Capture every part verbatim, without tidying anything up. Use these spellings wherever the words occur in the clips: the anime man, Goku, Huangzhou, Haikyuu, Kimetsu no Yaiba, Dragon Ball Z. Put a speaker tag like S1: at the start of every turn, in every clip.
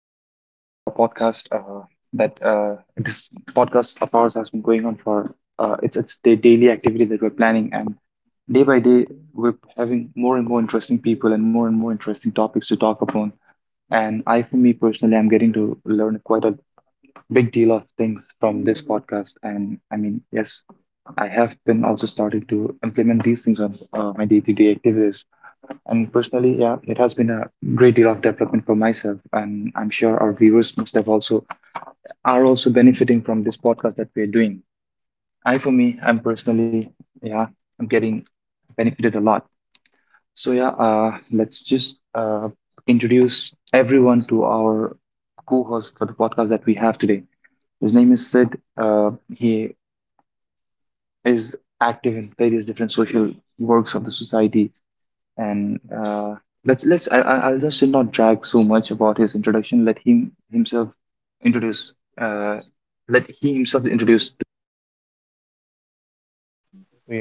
S1: another episode of our podcast. Uh, that uh, This podcast of ours has been going on for uh, it's it's the daily activity that we're planning, and day by day we're having more and more interesting people and more and more interesting topics to talk upon. And I, for me personally, I'm getting to learn quite a big deal of things from this podcast. And I mean, yes, I have been also starting to implement these things on uh, my day-to-day activities. And personally, yeah, it has been a great deal of development for myself, and I'm sure our viewers must have also are also benefiting from this podcast that we're doing. I, for me, I'm personally, yeah, I'm getting benefited a lot. So yeah, uh, let's just uh, introduce everyone to our co-host for the podcast that we have today. His name is Sid. Uh, he is active in various different social works of the society and uh, let's let's I, I- I'll just not drag so much about his introduction. Let him himself introduce. Uh, Let he himself introduce.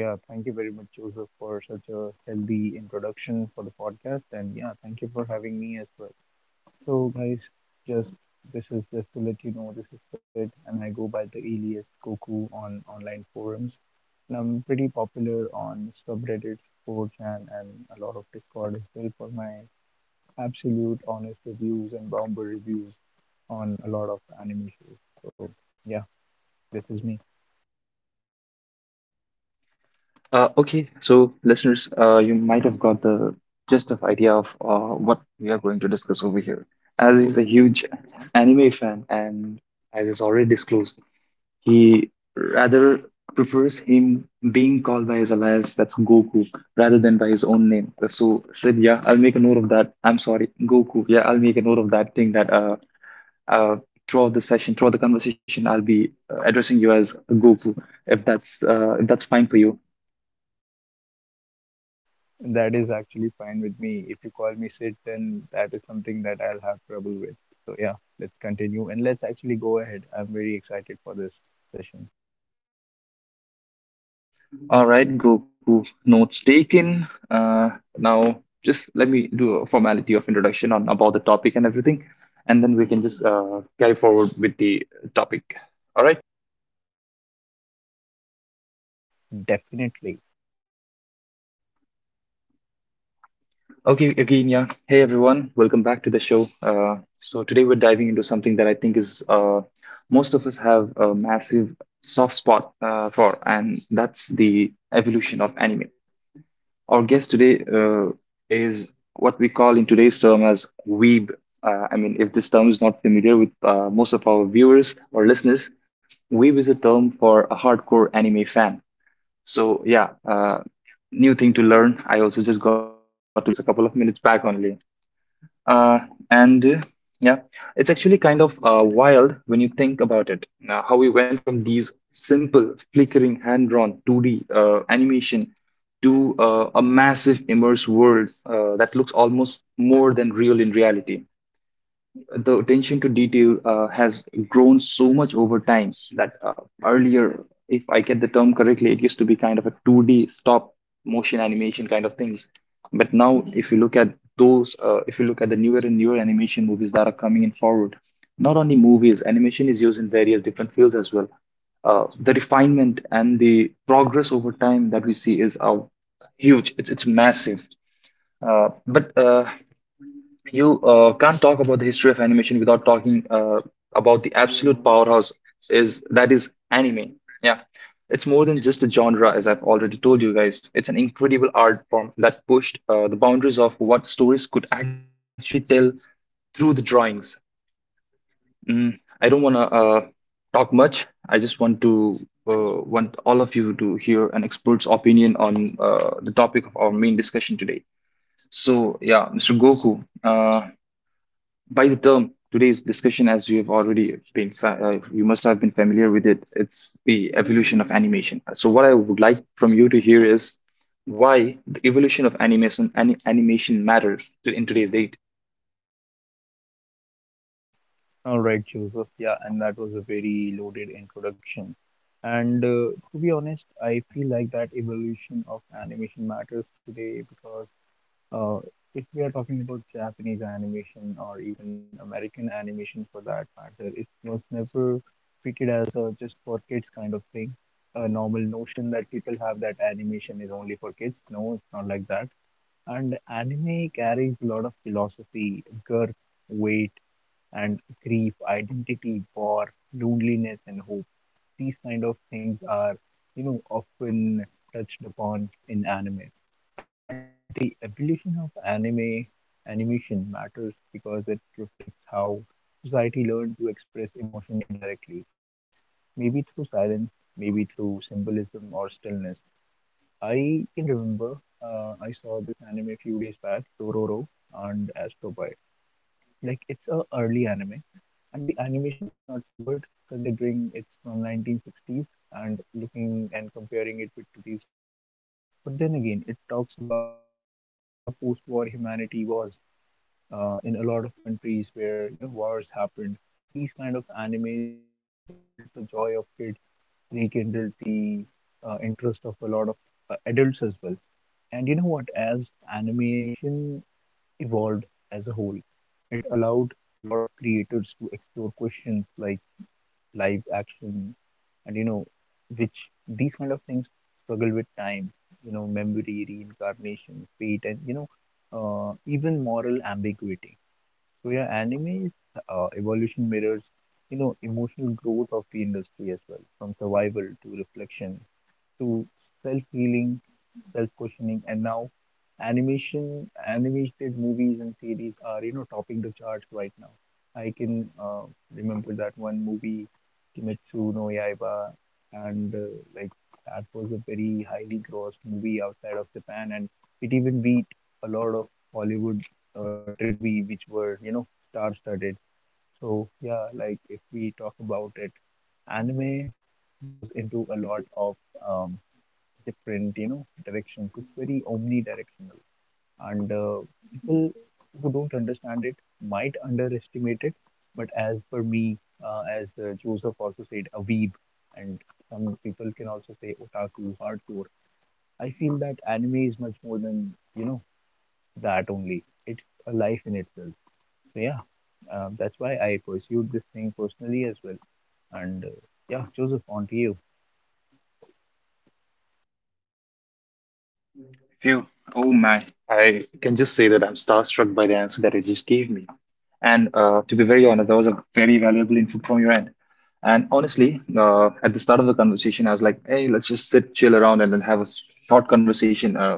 S2: So yeah, thank you very much, Joseph, for such a healthy introduction for the podcast, and yeah, thank you for having me as well. So guys, just this is just to let you know this is Sid, and I go by the alias Goku on online forums, and I'm pretty popular on subreddits, four chan, and a lot of Discord as well for my absolute honest reviews and bomber reviews on a lot of anime shows. So yeah, this is me.
S1: Uh, okay, so listeners, uh, you might have got the gist of idea of uh, what we are going to discuss over here. As he's a huge anime fan, and as is already disclosed, he rather prefers him being called by his alias, that's Goku, rather than by his own name. So said, yeah, I'll make a note of that. I'm sorry, Goku. Yeah, I'll make a note of that thing that uh, uh, throughout the session, throughout the conversation, I'll be uh, addressing you as Goku, if that's uh, if that's fine for you.
S2: That is actually fine with me. If you call me sit, then that is something that I'll have trouble with. So yeah, let's continue and let's actually go ahead. I'm very excited for this session.
S1: All right, Goku. Notes taken. Uh, now just let me do a formality of introduction on about the topic and everything, and then we can just uh, carry forward with the topic. All right.
S2: Definitely.
S1: Okay, again, yeah. Hey, everyone. Welcome back to the show. Uh, so today we're diving into something that I think is uh, most of us have a massive soft spot uh, for, and that's the evolution of anime. Our guest today uh, is what we call in today's term as weeb. Uh, I mean, if this term is not familiar with uh, most of our viewers or listeners, weeb is a term for a hardcore anime fan. So yeah, uh, new thing to learn. I also just got to learn this a couple of minutes back only. Uh, and uh, yeah, it's actually kind of uh, wild when you think about it. Now, how we went from these simple, flickering, hand-drawn two D uh, animation to uh, a massive, immersed world uh, that looks almost more than real in reality. The attention to detail uh, has grown so much over time that uh, earlier, if I get the term correctly, it used to be kind of a two D stop motion animation kind of things. But now, if you look at those, uh, if you look at the newer and newer animation movies that are coming in forward, not only movies, animation is used in various different fields as well. Uh, the refinement and the progress over time that we see is uh, huge. It's it's massive. Uh, but uh, you uh, can't talk about the history of animation without talking uh, about the absolute powerhouse is that is anime. Yeah, it's more than just a genre, as I've already told you guys. It's an incredible art form that pushed uh, the boundaries of what stories could actually tell through the drawings. Mm, I don't want to uh, talk much. I just want to uh, want all of you to hear an expert's opinion on uh, the topic of our main discussion today. So, yeah, mister Goku, uh, by the term today's discussion, as you have already been, fa- uh, you must have been familiar with it, it's the evolution of animation. So, what I would like from you to hear is why the evolution of animation ani- animation matters to, in today's day.
S2: All right, Joseph. Yeah, and that was a very loaded introduction. And uh, To be honest, I feel like that evolution of animation matters today because Uh, if we are talking about Japanese animation or even American animation for that matter, it was never treated as a just for kids kind of thing. A normal notion that people have that animation is only for kids. No, it's not like that. And anime carries a lot of philosophy, girth, weight, and grief, identity, war, loneliness, and hope. These kind of things are you know often touched upon in anime. And you know what? The evolution of anime animation matters because it reflects how society learned to express emotion indirectly, maybe through silence, maybe through symbolism or stillness. I can remember, uh, I saw this anime a few days back, Tororo and Astro Boy. Like, it's a early anime, and the animation is not so good, considering it's from nineteen sixties and looking and comparing it with today's standards. But then again, it talks about you know how post-war humanity was, uh, in a lot of countries where you know wars happened. These kind of animes, you know, rekindled the joy of kids, rekindled the uh, interest of a lot of uh, adults as well. And you know what? As animation evolved as a whole, it allowed a lot of creators to explore questions like live action, and you know, which these kind of things struggle with time, you know, memory, reincarnation, fate, and you know, uh, even moral ambiguity. So yeah, anime's uh, evolution mirrors, you know, emotional growth of the industry as well, from survival to reflection to self-healing, self-questioning, and now animation, animated movies and series are you know topping the charts right now. I can, uh, remember that one movie, Kimetsu no Yaiba, and uh, like, that was a very highly grossed movie outside of Japan, and it even beat a lot of Hollywood-driven movie which were you know star-studded. So yeah, like if we talk about it, anime goes into a lot of um, different, you know, directions. It's very omnidirectional, and uh, people who don't understand it might underestimate it. But as for me, uh, as uh, Joseph also said, a weeb, and some people can also say otaku, hardcore. I feel that anime is much more than you know that only. It's a life in itself. So yeah, uh, that's why I pursued this thing personally as well. And uh, yeah, Joseph, on to you.
S1: Phew. Oh my. I can just say that I'm starstruck by the answer that you just gave me. And uh, to be very honest, that was a very valuable info from your end. And honestly, uh, at the start of the conversation, I was like, hey, let's just sit, chill around, and then have a s- short conversation. Uh,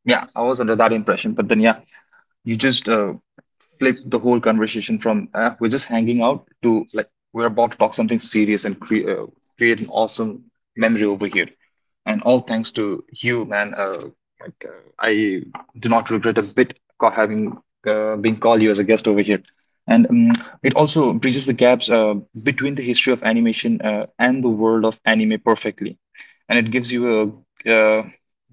S1: yeah, I was under that impression. But then, yeah, you just uh, flip the whole conversation from uh, we're just hanging out to like we're about to talk something serious and cre- uh, create an awesome memory over here. And all thanks to you, man. Uh, like uh, I do not regret a bit ca- having uh, been called you as a guest over here. And um, it also bridges the gaps uh, between the history of animation uh, and the world of anime perfectly. And it gives you a uh,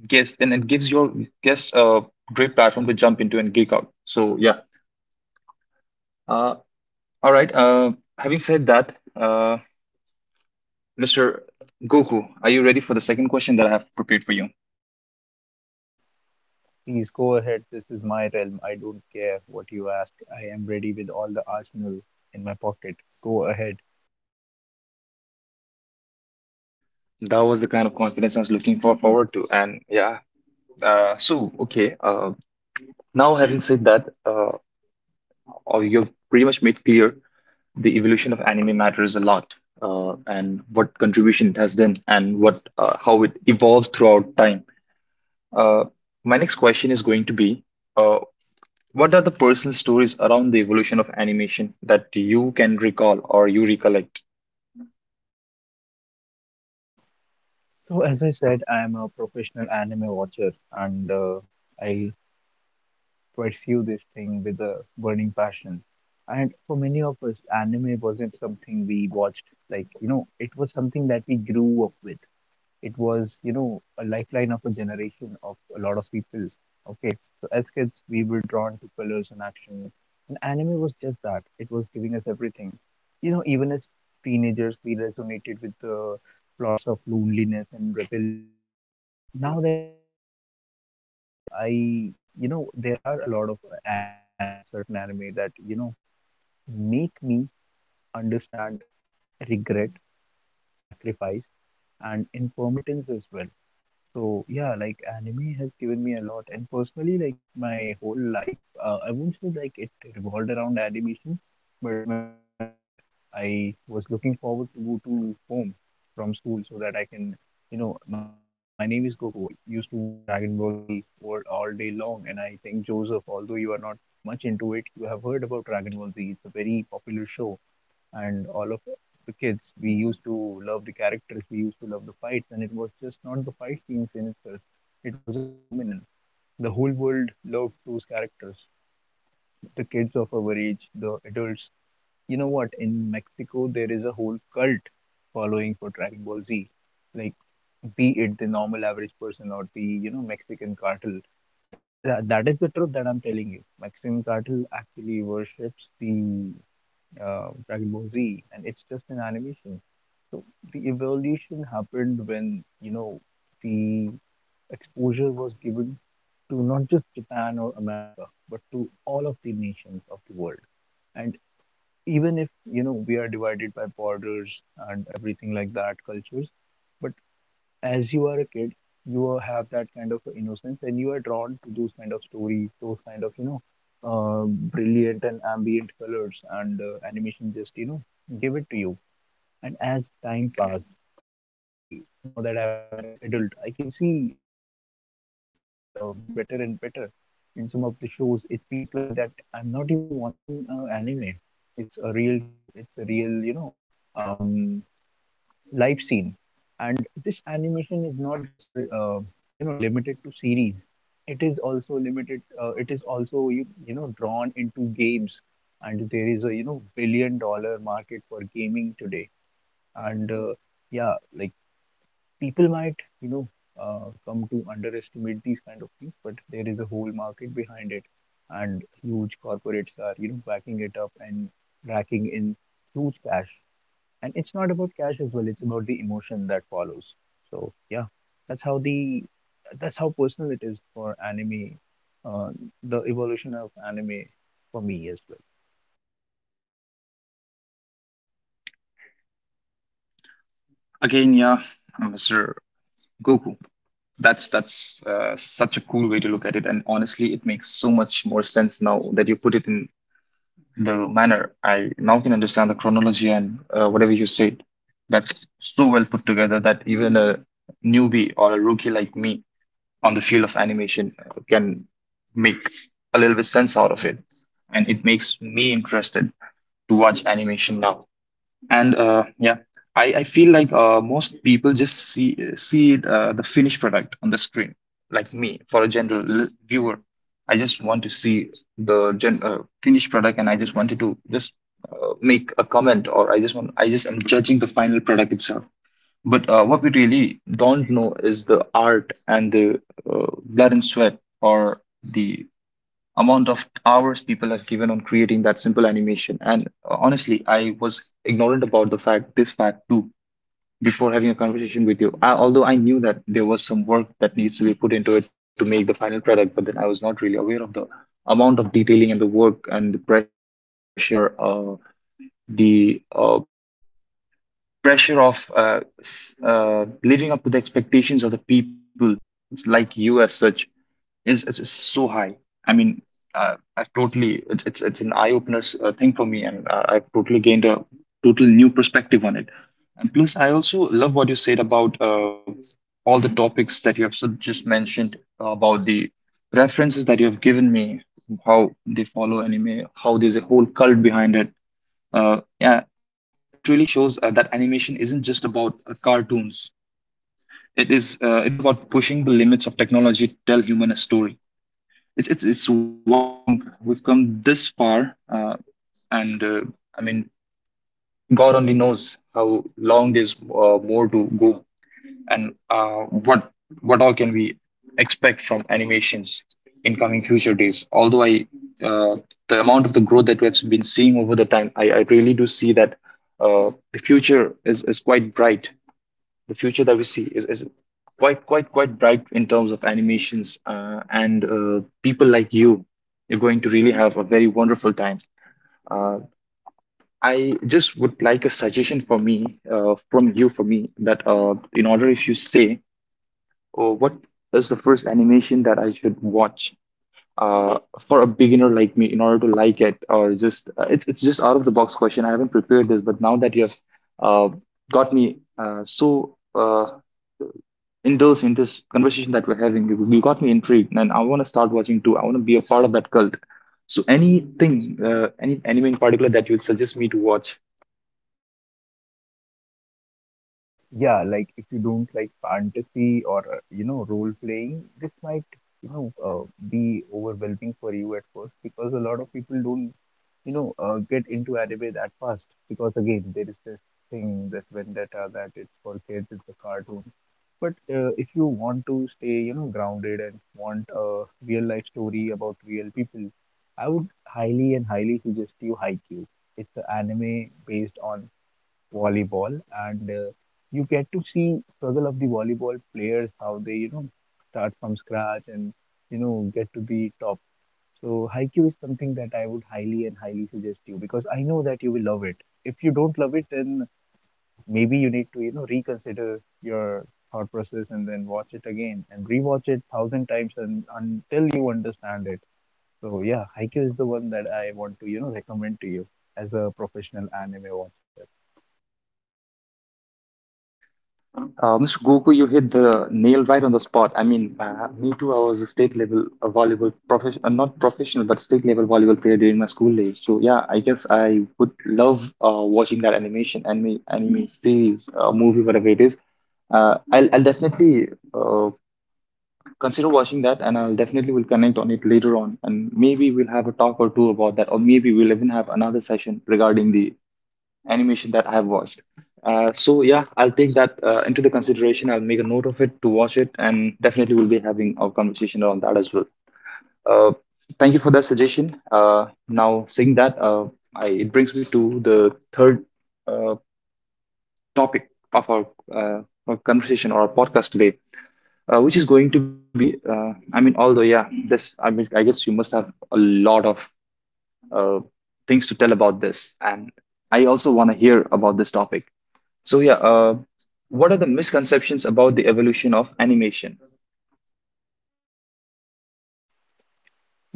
S1: guest, and it gives your guests a great platform to jump into and geek out. So yeah, uh, all right. Uh, having said that, uh, mister Goku, are you ready for the second question that I have prepared for you?
S2: Please go ahead. This is my realm. I don't care what you ask. I am ready with all the arsenal in my pocket. Go ahead.
S1: That was the kind of confidence I was looking for forward to, and yeah. Uh, so okay. Uh, now having said that, uh, oh, you've pretty much made clear the evolution of anime matters a lot uh, and what contribution it has done and what uh, how it evolved throughout time uh, my next question is going to be uh, what are the personal stories around the evolution of animation that you can recall or you recollect.
S2: So, as I said, I am a professional anime watcher, and uh, I pursue this thing with a burning passion. And for many of us, anime wasn't something we watched, like, you know, it was something that we grew up with. It was you know a lifeline of a generation of a lot of people. Okay, so as kids we were drawn to colors and action, and anime was just that. It was giving us everything. You know, even as teenagers we resonated with the plots of loneliness and rebellion. And now that I am an adult myself, I, you know, there are a lot of anime certain anime that you know make me understand regret, sacrifice, and impermanence as well. So yeah, like anime has given me a lot, and personally, like my whole life, uh, I won't say like it revolved around animation, but when I was a kid, I was looking forward to go to home from school so that I can, you know, my name is Goku. I used to watch Dragon Ball Z all, all day long, and I think Joseph, although you are not much into it, you have heard about Dragon Ball Z. It's a very popular show, and all of the kids, we used to love the characters, we used to love the fights, and it was just not the fight scenes in itself. It was a phenomenon. The whole world loved those characters. The kids of our age, the adults. You know what? In Mexico, there is a whole cult following for Dragon Ball Z. Like, be it the normal average person or the, you know, Mexican cartel. And tha- that is the truth that I'm telling you. Mexican cartel actually worships the, uh, Dragon Ball Z, and it's just an animation. So the evolution happened when you know the exposure was given to not just Japan or America, but to all of the nations of the world. And even if you know we are divided by borders and everything like that, cultures, but as you are a kid, you have that kind of innocence and you are drawn to those kind of stories, those kind of, you know, uh, brilliant and ambient colors, and uh, animation just, you know, give it to you. And as time passed, now I, now that I'm an ad- adult, I can see uh, the animation has gotten better and better. In some of the shows, it feels like that I'm not even watching uh, anime. It's a real show. It's a real, you know, um, live scene. And this animation is not just uh, you know limited to series. It is also limited uh, it is also you, you know drawn into games, and there is a you know billion dollar market for gaming today, and uh, yeah, like people might you know, uh, come to underestimate these kind of things, but there is a whole market behind it, and huge corporates are you know backing it up and racking in huge cash. And it's not about cash as well, it's about the emotion that follows. So yeah, that's how the that's how personal it is for anime, uh, the evolution of anime for me as well.
S1: Again, yeah, Mr. Goku, that's that's uh, such a cool way to look at it, and honestly it makes so much more sense now that you put it in the manner. I now can understand the chronology and uh, whatever you said. That's so well put together that even a newbie or a rookie like me on the field of animation uh, can make a little bit sense out of it. And it makes me interested to watch animation now. And uh, yeah, I, I feel like uh, most people just see see it, uh, the finished product on the screen. Like me, for a general l- viewer, I just want to see the gen uh, finished product, and I just wanted to just uh, make a comment, or I just want I just am judging the final product itself. But uh, what we really don't know is the art and the uh, blood and sweat, or the amount of hours people have given on creating that simple animation. And uh, honestly, I was ignorant about the fact, this fact too, before having a conversation with you. I, although I knew that there was some work that needs to be put into it to make the final product, but then I was not really aware of the amount of detailing and the work and the pressure or uh, the uh, pressure of uh, s- uh, living up to the expectations of the people like you as such is is, is so high. I mean, uh, I've totally it's it's it's an eye opener uh, thing for me, and uh, I've totally gained a total new perspective on it. And plus, I also love what you said about uh, all the topics that you have so- just mentioned uh, about the references that you have given me, how they follow anime, how there's a whole cult behind it. Uh, yeah, it really shows uh, that animation isn't just about uh, cartoons. It is uh, it is about pushing the limits of technology to tell human a story. It's it's it's wild to think we've come this far, uh, and uh, I mean, God only knows how long there's uh, more to go, and uh, what what all can we expect from animations in coming future days. Although I, uh, the amount of the growth that we have been seeing over the time, I, I really do see that uh, the future is is quite bright. The future that we see is, is quite quite quite bright in terms of animations uh, and uh, people like you, you're going to really have a very wonderful time. uh, I just would like a suggestion for me uh, from you for me that uh, in order if you say, oh, what is the first animation that I should watch, uh, for a beginner like me in order to like it or just uh, it's, it's just out of the box question. I haven't prepared this, but now that you have uh, got me uh, so uh, indulge in this conversation that we're having. You, you got me intrigued, and I want to start watching too. I want to be a part of that cult. So, anything, uh, any anime in particular that you suggest me to watch?
S2: Yeah, like if you don't like fantasy or, uh, you know role playing, this might you know, uh, be overwhelming for you at first, because a lot of people don't you know, uh, get into anime that fast, because again there is this thing, this vendetta that it's for kids, it's a cartoon. But uh, if you want to stay you know grounded and want a real life story about real people, I would highly and highly suggest you Haikyuu. It's an anime based on volleyball, and uh, you get to see struggle of the volleyball players how they you know start from scratch and you know get to the top. So Haiku is something that I would highly and highly suggest you, because I know that you will love it. If you don't love it, then maybe you need to you know reconsider your thought process and then watch it again and rewatch it thousand times and until you understand it. So yeah, Haiku is the one that I want to you know recommend to you, as a professional anime watcher.
S1: Uh, mister Goku, you hit the nail right on the spot. I mean, uh, me too. I was a state level a volleyball profession, uh, not professional, but state level volleyball player during my school days. So yeah, I guess I would love uh, watching that animation, anime, anime series, uh, movie, whatever it is. Uh, I'll, I'll definitely uh, consider watching that and I'll definitely will connect on it later on, and maybe we'll have a talk or two about that, or maybe we'll even have another session regarding the animation that I have watched. Uh, so yeah, I'll take that uh, into the consideration. I'll make a note of it to watch it, and definitely we'll be having our conversation around that as well. Uh, Thank you for that suggestion. Uh, now saying that, uh, I, it brings me to the third uh, topic of our, uh, our conversation or our podcast today, uh, which is going to be, uh, I mean, although yeah, this I mean, I guess you must have a lot of uh, things to tell about this, and I also want to hear about this topic. So yeah, uh, what are the misconceptions about the evolution of animation?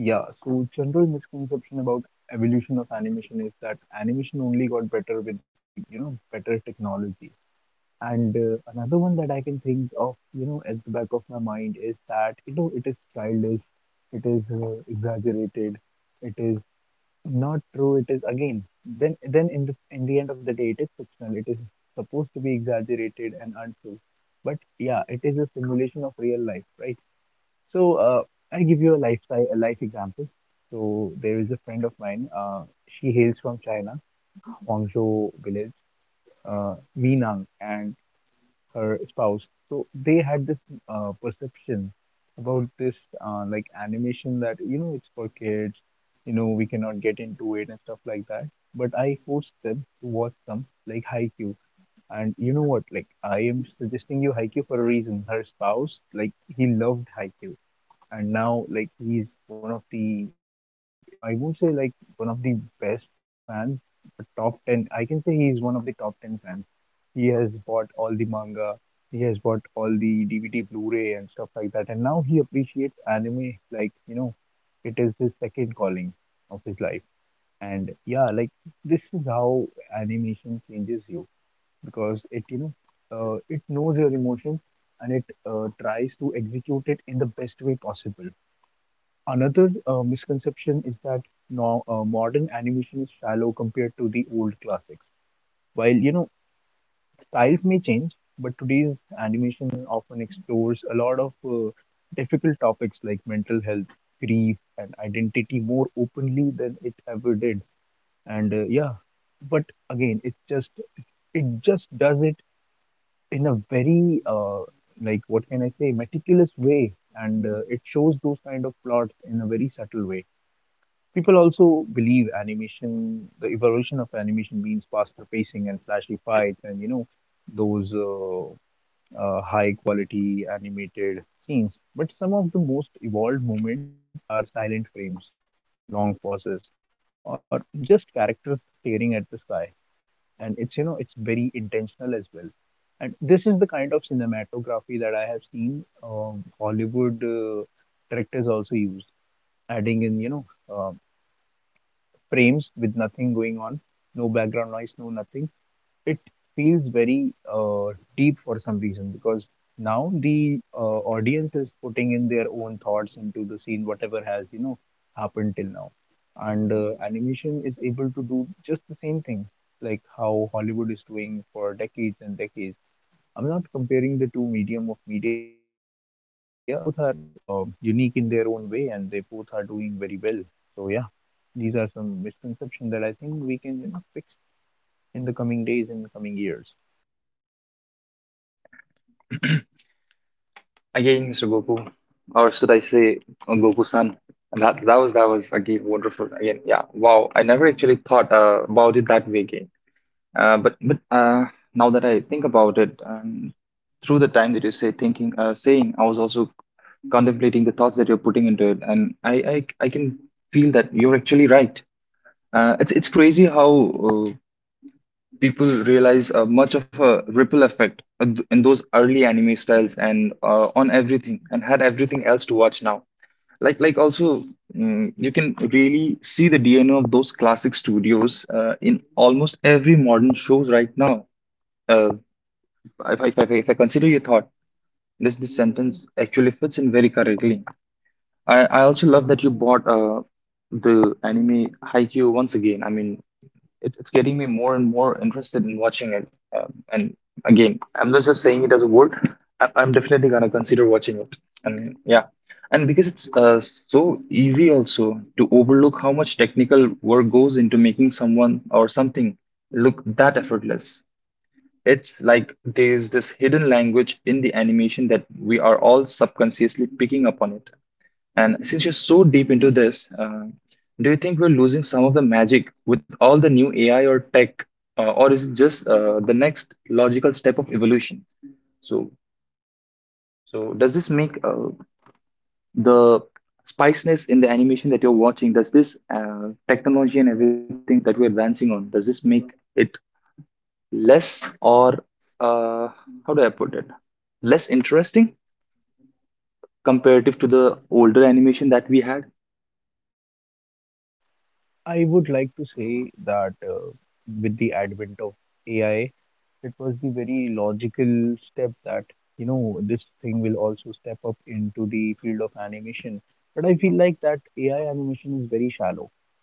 S2: Yeah, so general misconception about evolution of animation is that animation only got better with the, you know, better technology. And uh, Another one that I can think of, you know, at the back of my mind is that, you know, it is childish, it is, uh, exaggerated, it is not true, it is again, then then in the in the end of the day, it is fictional, it is supposed to be exaggerated and untrue. But yeah, it is a simulation of real life, right? So uh, I give you a life si-, a life example. So there is a friend of mine. Uh, she hails from China, Huangzhou village, uh, Minang, and her spouse. So they had this uh, perception about this uh, like animation that you know it's for kids. You know we cannot get into it and stuff like that. But I forced them to watch some like Haikyuu. And you know what? Like I am suggesting you Haikyuu for a reason. Her spouse, like he loved Haikyuu, and now like he's one of the like I would I won't say like one of the best like fans, but top ten. I can say he's one of the top ten fans. He has bought all the manga, he has bought all the D V D, Blu-ray, and stuff like that, and now he appreciates anime like you know, it is his second calling of his life. And yeah, like this is how animation changes you because it you know, uh, it knows your emotions and it uh, tries to execute it in the best way possible. Another uh, misconception is that now uh, modern animation is shallow compared to the old classics. While you know styles may change, but today's animation often explores a lot of uh, difficult topics like mental health, grief, and identity more openly than it ever did. And uh, yeah, but again, it's just it just does it in a very uh, like what can I say meticulous way, and uh, it shows those kind of plots in a very subtle way. People also believe animation, the evolution of animation means faster pacing and flashy fights and, you know, those uh, uh, high quality animated scenes. But some of the most evolved moments are silent frames, long pauses, or just characters staring at the sky. And it's, you know, it's very intentional as well. And this is the kind of cinematography that I have seen um, Hollywood uh, directors also use, adding in, you know, uh, frames with nothing going on, no background noise, no nothing. It feels very uh, deep for some reason because now the uh, audience is putting in their own thoughts into the scene, whatever has you know happened till now. And uh, animation is able to do just the same thing, like how Hollywood is doing for decades and decades. I'm not comparing the two medium of media, but then again, they both are uh, unique in their own way, and they both are doing very well. So yeah, these are some misconceptions that I think we can, you know, fix in the coming days and coming years.
S1: Again, Mr. Goku, or should I say uh, Goku-san, that, that was that was again wonderful. Again, yeah, wow, I never actually thought uh, about it that way. Again, Uh, but but uh, now that I think about it, um, through the time that you say thinking, uh, saying, I was also contemplating the thoughts that you're putting into it, and I I, I can feel that you're actually right. Uh, it's it's crazy how uh, people realize uh, much of a ripple effect uh, th- in those early anime styles, and uh, on everything, and had everything else to watch now. Like like also, mm, you can really see the D N A of those classic studios uh, in almost every modern shows right now. Uh, if, I, if, I, if I consider your thought, this this sentence actually fits in very correctly. I, I also love that you bought uh, the anime Haikyuu once again. I mean, it, it's getting me more and more interested in watching it. Um, and again, I'm not just saying it as a word. I, I'm definitely gonna consider watching it. And yeah, and because it's uh, so easy also to overlook how much technical work goes into making someone or something look that effortless. It's like there's this hidden language in the animation that we are all subconsciously picking up on it. And since you're so deep into this, uh, do you think we're losing some of the magic with all the new A I or tech, uh, or is it just uh, the next logical step of evolution? So, so does this make uh, the spiciness in the animation that you're watching? Does this uh, technology and everything that we're advancing on? Does this make it less, or uh, how do I put it? Less interesting comparative to the older animation that we had.
S2: I would like to say that uh, with the advent of A I, it was the very logical step that you know this thing will also step up into the field of animation. But I feel like that A I animation is very shallow.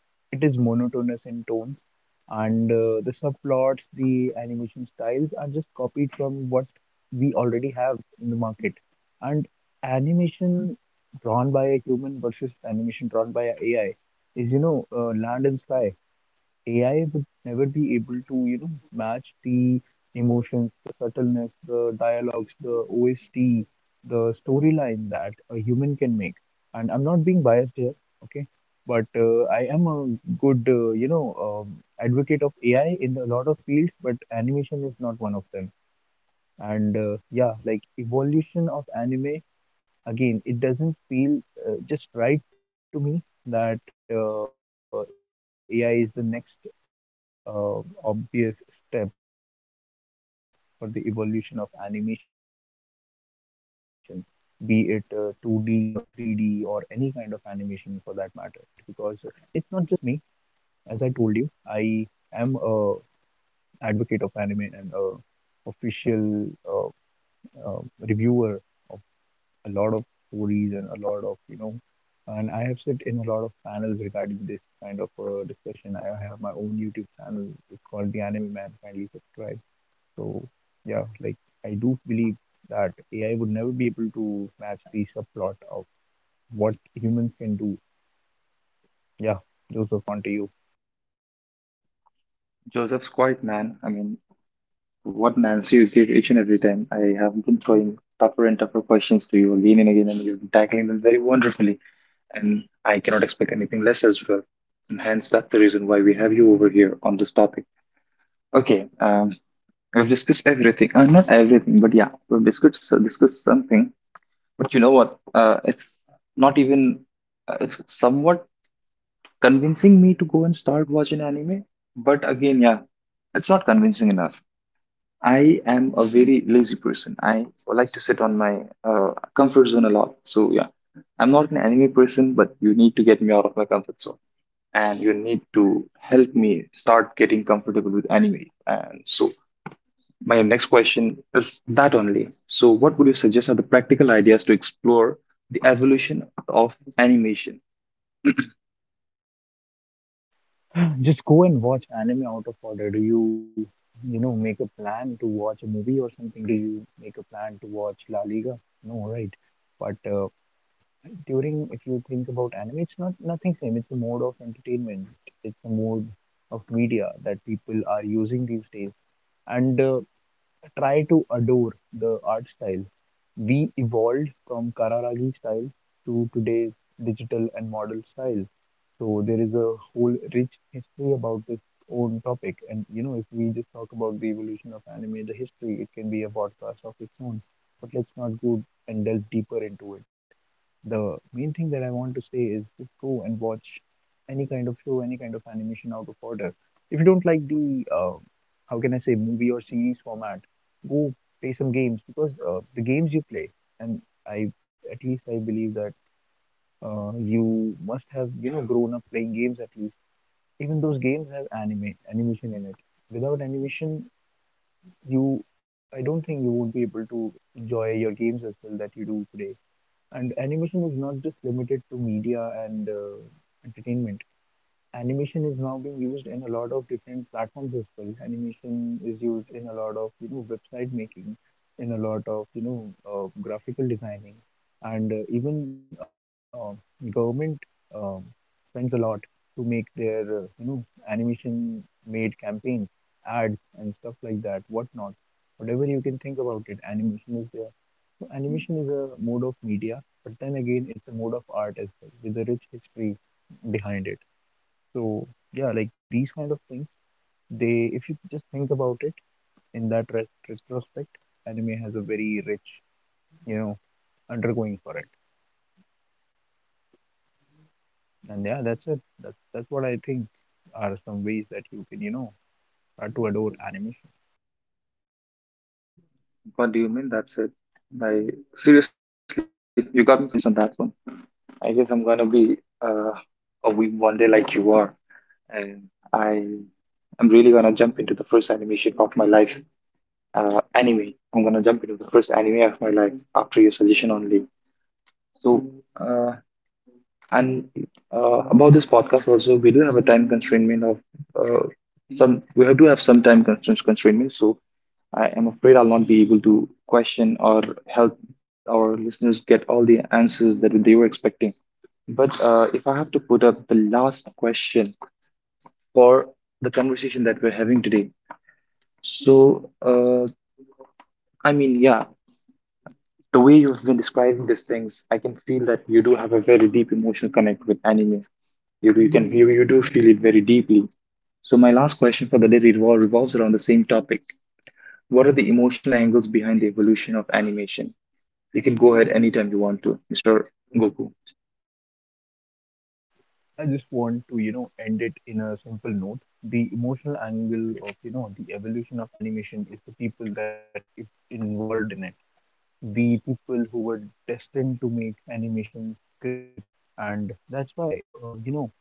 S2: It is monotonous in tone and uh, the subplots, the animation styles are just copied from what we already have in the market. And animation drawn by a human versus animation drawn by a AI is, you know, uh, land and sky. A I would never be able to, you know, match the emotions, the subtleness, the dialogues, the O S T, the storyline that a human can make. And I'm not being biased here, okay? But uh, I am a good, uh, you know, um, advocate of A I in a lot of fields, but animation is not one of them. And uh, yeah, like evolution of anime, again, it doesn't feel uh, just right to me that uh, A I is the next uh, obvious step for the evolution of animation, be it uh, two D or three D or any kind of animation for that matter. So yeah, like I would like to disagree to this particular point because, and it's not just me. As I told you, I am a advocate of anime and a official uh, uh, reviewer of a lot of stories and a lot of, you know. And I have sit in a lot of panels regarding this kind of uh, discussion. I have my own YouTube channel. It's called The Anime Man. Kindly subscribe. So yeah, like I do believe that AI would never be able to match the subplot of what humans can do. Yeah. Joseph, on to you.
S1: Joseph's quite man. I mean, what Nancy you give each and every time. I have been throwing tougher and tougher questions to you again and again, and you've been tackling them very wonderfully. And I cannot expect anything less as well. And hence, that's the reason why we have you over here on this topic. Okay, um, we've discussed everything. Uh, not everything, but yeah, we've discussed discussed something. But you know what? Uh, it's not even, uh, it's somewhat convincing me to go and start watching anime. But again, yeah, it's not convincing enough. I am a very lazy person. I like to sit on my uh, comfort zone a lot. So yeah, I'm not an anime person, but you need to get me out of my comfort zone. And you need to help me start getting comfortable with anime. And so my next question is that only. So, what would you suggest are the practical ideas to explore the evolution of animation?
S2: Just go and watch anime out of order. Do you, you know, make a plan to watch a movie or something? Do you make a plan to watch La Liga? No, right? But uh, during if you think about anime, it's not nothing same. It's a mode of entertainment. It's a mode of media that people are using these days. And uh, try to adore the art style. We evolved from kararagi style to today's digital and model style. So there is a whole rich history about this own topic, and you know, if we just talk about the evolution of anime, the history, it can be a podcast of its own. But let's not go and delve deeper into it. The main thing that I want to say is just go and watch any kind of show, any kind of animation out of order. If you don't like the, uh, how can I say, movie or series format, go play some games because uh, the games you play, and I, at least I believe that uh, you must have, you know, grown up playing games at least. Even those games have anime animation in it. Without animation, you, I don't think you would be able to enjoy your games as well that you do today. And animation is not just limited to media and uh, entertainment. Animation is now being used in a lot of different platforms as well. Animation is used in a lot of, you know, website making, in a lot of, you know, uh, graphical designing, and uh, even uh, government uh, spends a lot to make their, uh, you know, animation made campaigns, ads, and stuff like that, whatnot. Whatever you can think about it, animation is there. So animation is a mode of media, but then again, it's a mode of art as well, with a rich history behind it. So yeah, like these kind of things, they, if you just think about it in that ret- retrospect, anime has a very rich, you know, undergoing for it. And yeah, that's it. That's that's what I think are some ways that you can, you know, start to adore animation.
S1: What do you mean? That's it. I seriously, you got me convinced on that one. I guess I'm gonna be uh, a week one day like you are, and I am really gonna jump into the first animation of my life. Uh, anime. I'm gonna jump into the first anime of my life after your suggestion only. So uh, And uh, about this podcast also, we do have a time constraint of uh, some. We have to have some time constraints constraint. So I am afraid I'll not be able to question or help our listeners get all the answers that they were expecting. But uh, if I have to put up the last question for the conversation that we're having today, so uh, I mean, yeah, the way you've been describing these things, I can feel that you do have a very deep emotional connect with anime. You, do- you can you, you do feel it very deeply. So my last question for the day revol- revolves around the same topic. What are the emotional angles behind the evolution of animation? You can go ahead anytime you want to, mister Goku.
S2: I just want to, you know, end it in a simple note. The emotional angle of, you know, the evolution of animation is the people that were i- involved in it, the people who were destined to make animation great. And that's why, uh, you know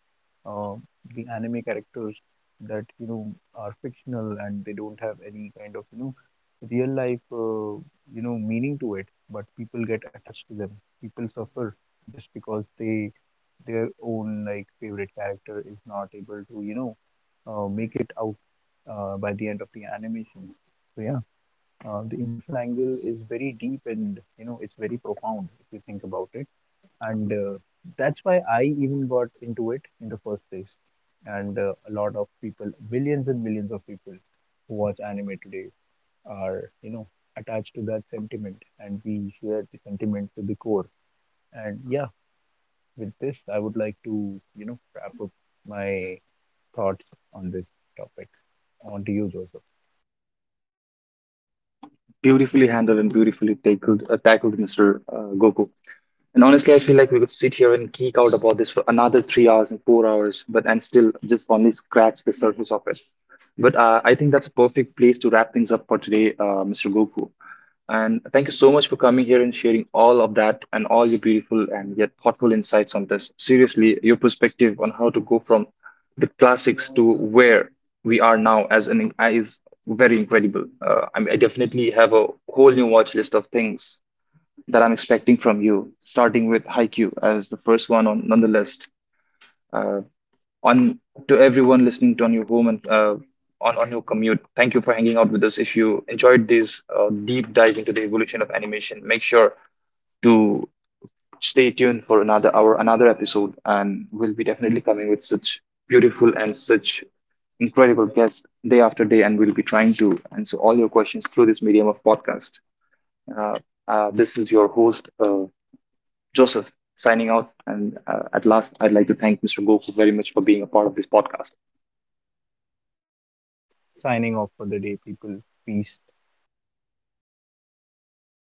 S2: uh, the anime characters that you know are fictional and they don't have any kind of, you know, real life, uh, you know meaning to it, but people get attached to them. People suffer just because they, their own like favorite character is not able to, you know uh, make it out uh, by the end of the animation. So yeah, uh, the emotional angle is very deep, and you know, it's very profound if you think about it. And uh, that's why I even got into it in the first place. And uh, a lot of people, billions and millions of people who watch anime today are, you know, attached to that sentiment, and we share the sentiment to the core. And yeah, with this, I would like to, you know, wrap up my thoughts on this topic. On to you, Joseph.
S1: Beautifully handled and beautifully tackled, uh, tackled mister Uh, Goku. And honestly, I feel like we could sit here and geek out about this for another three hours and four hours, but and still just only scratch the surface of it. But uh, I think that's a perfect place to wrap things up for today, uh, mister Goku. And thank you so much for coming here and sharing all of that and all your beautiful and yet thoughtful insights on this. Seriously, your perspective on how to go from the classics to where we are now as an is very incredible. Uh, I mean, I definitely have a whole new watch list of things that I'm expecting from you, starting with Haikyuu as the first one on, on the list. Uh, on To everyone listening to on your home and uh, on on your commute, thank you for hanging out with us. If you enjoyed this uh, deep dive into the evolution of animation, make sure to stay tuned for another hour, another episode, and we'll be definitely coming with such beautiful and such incredible guests day after day, and we'll be trying to answer all your questions through this medium of podcast. Uh, uh, this is your host. Uh, Joseph signing out. And uh, at last, I'd like to thank mister Goku very much for being a part of this podcast.
S2: Signing off for the day, people. Peace.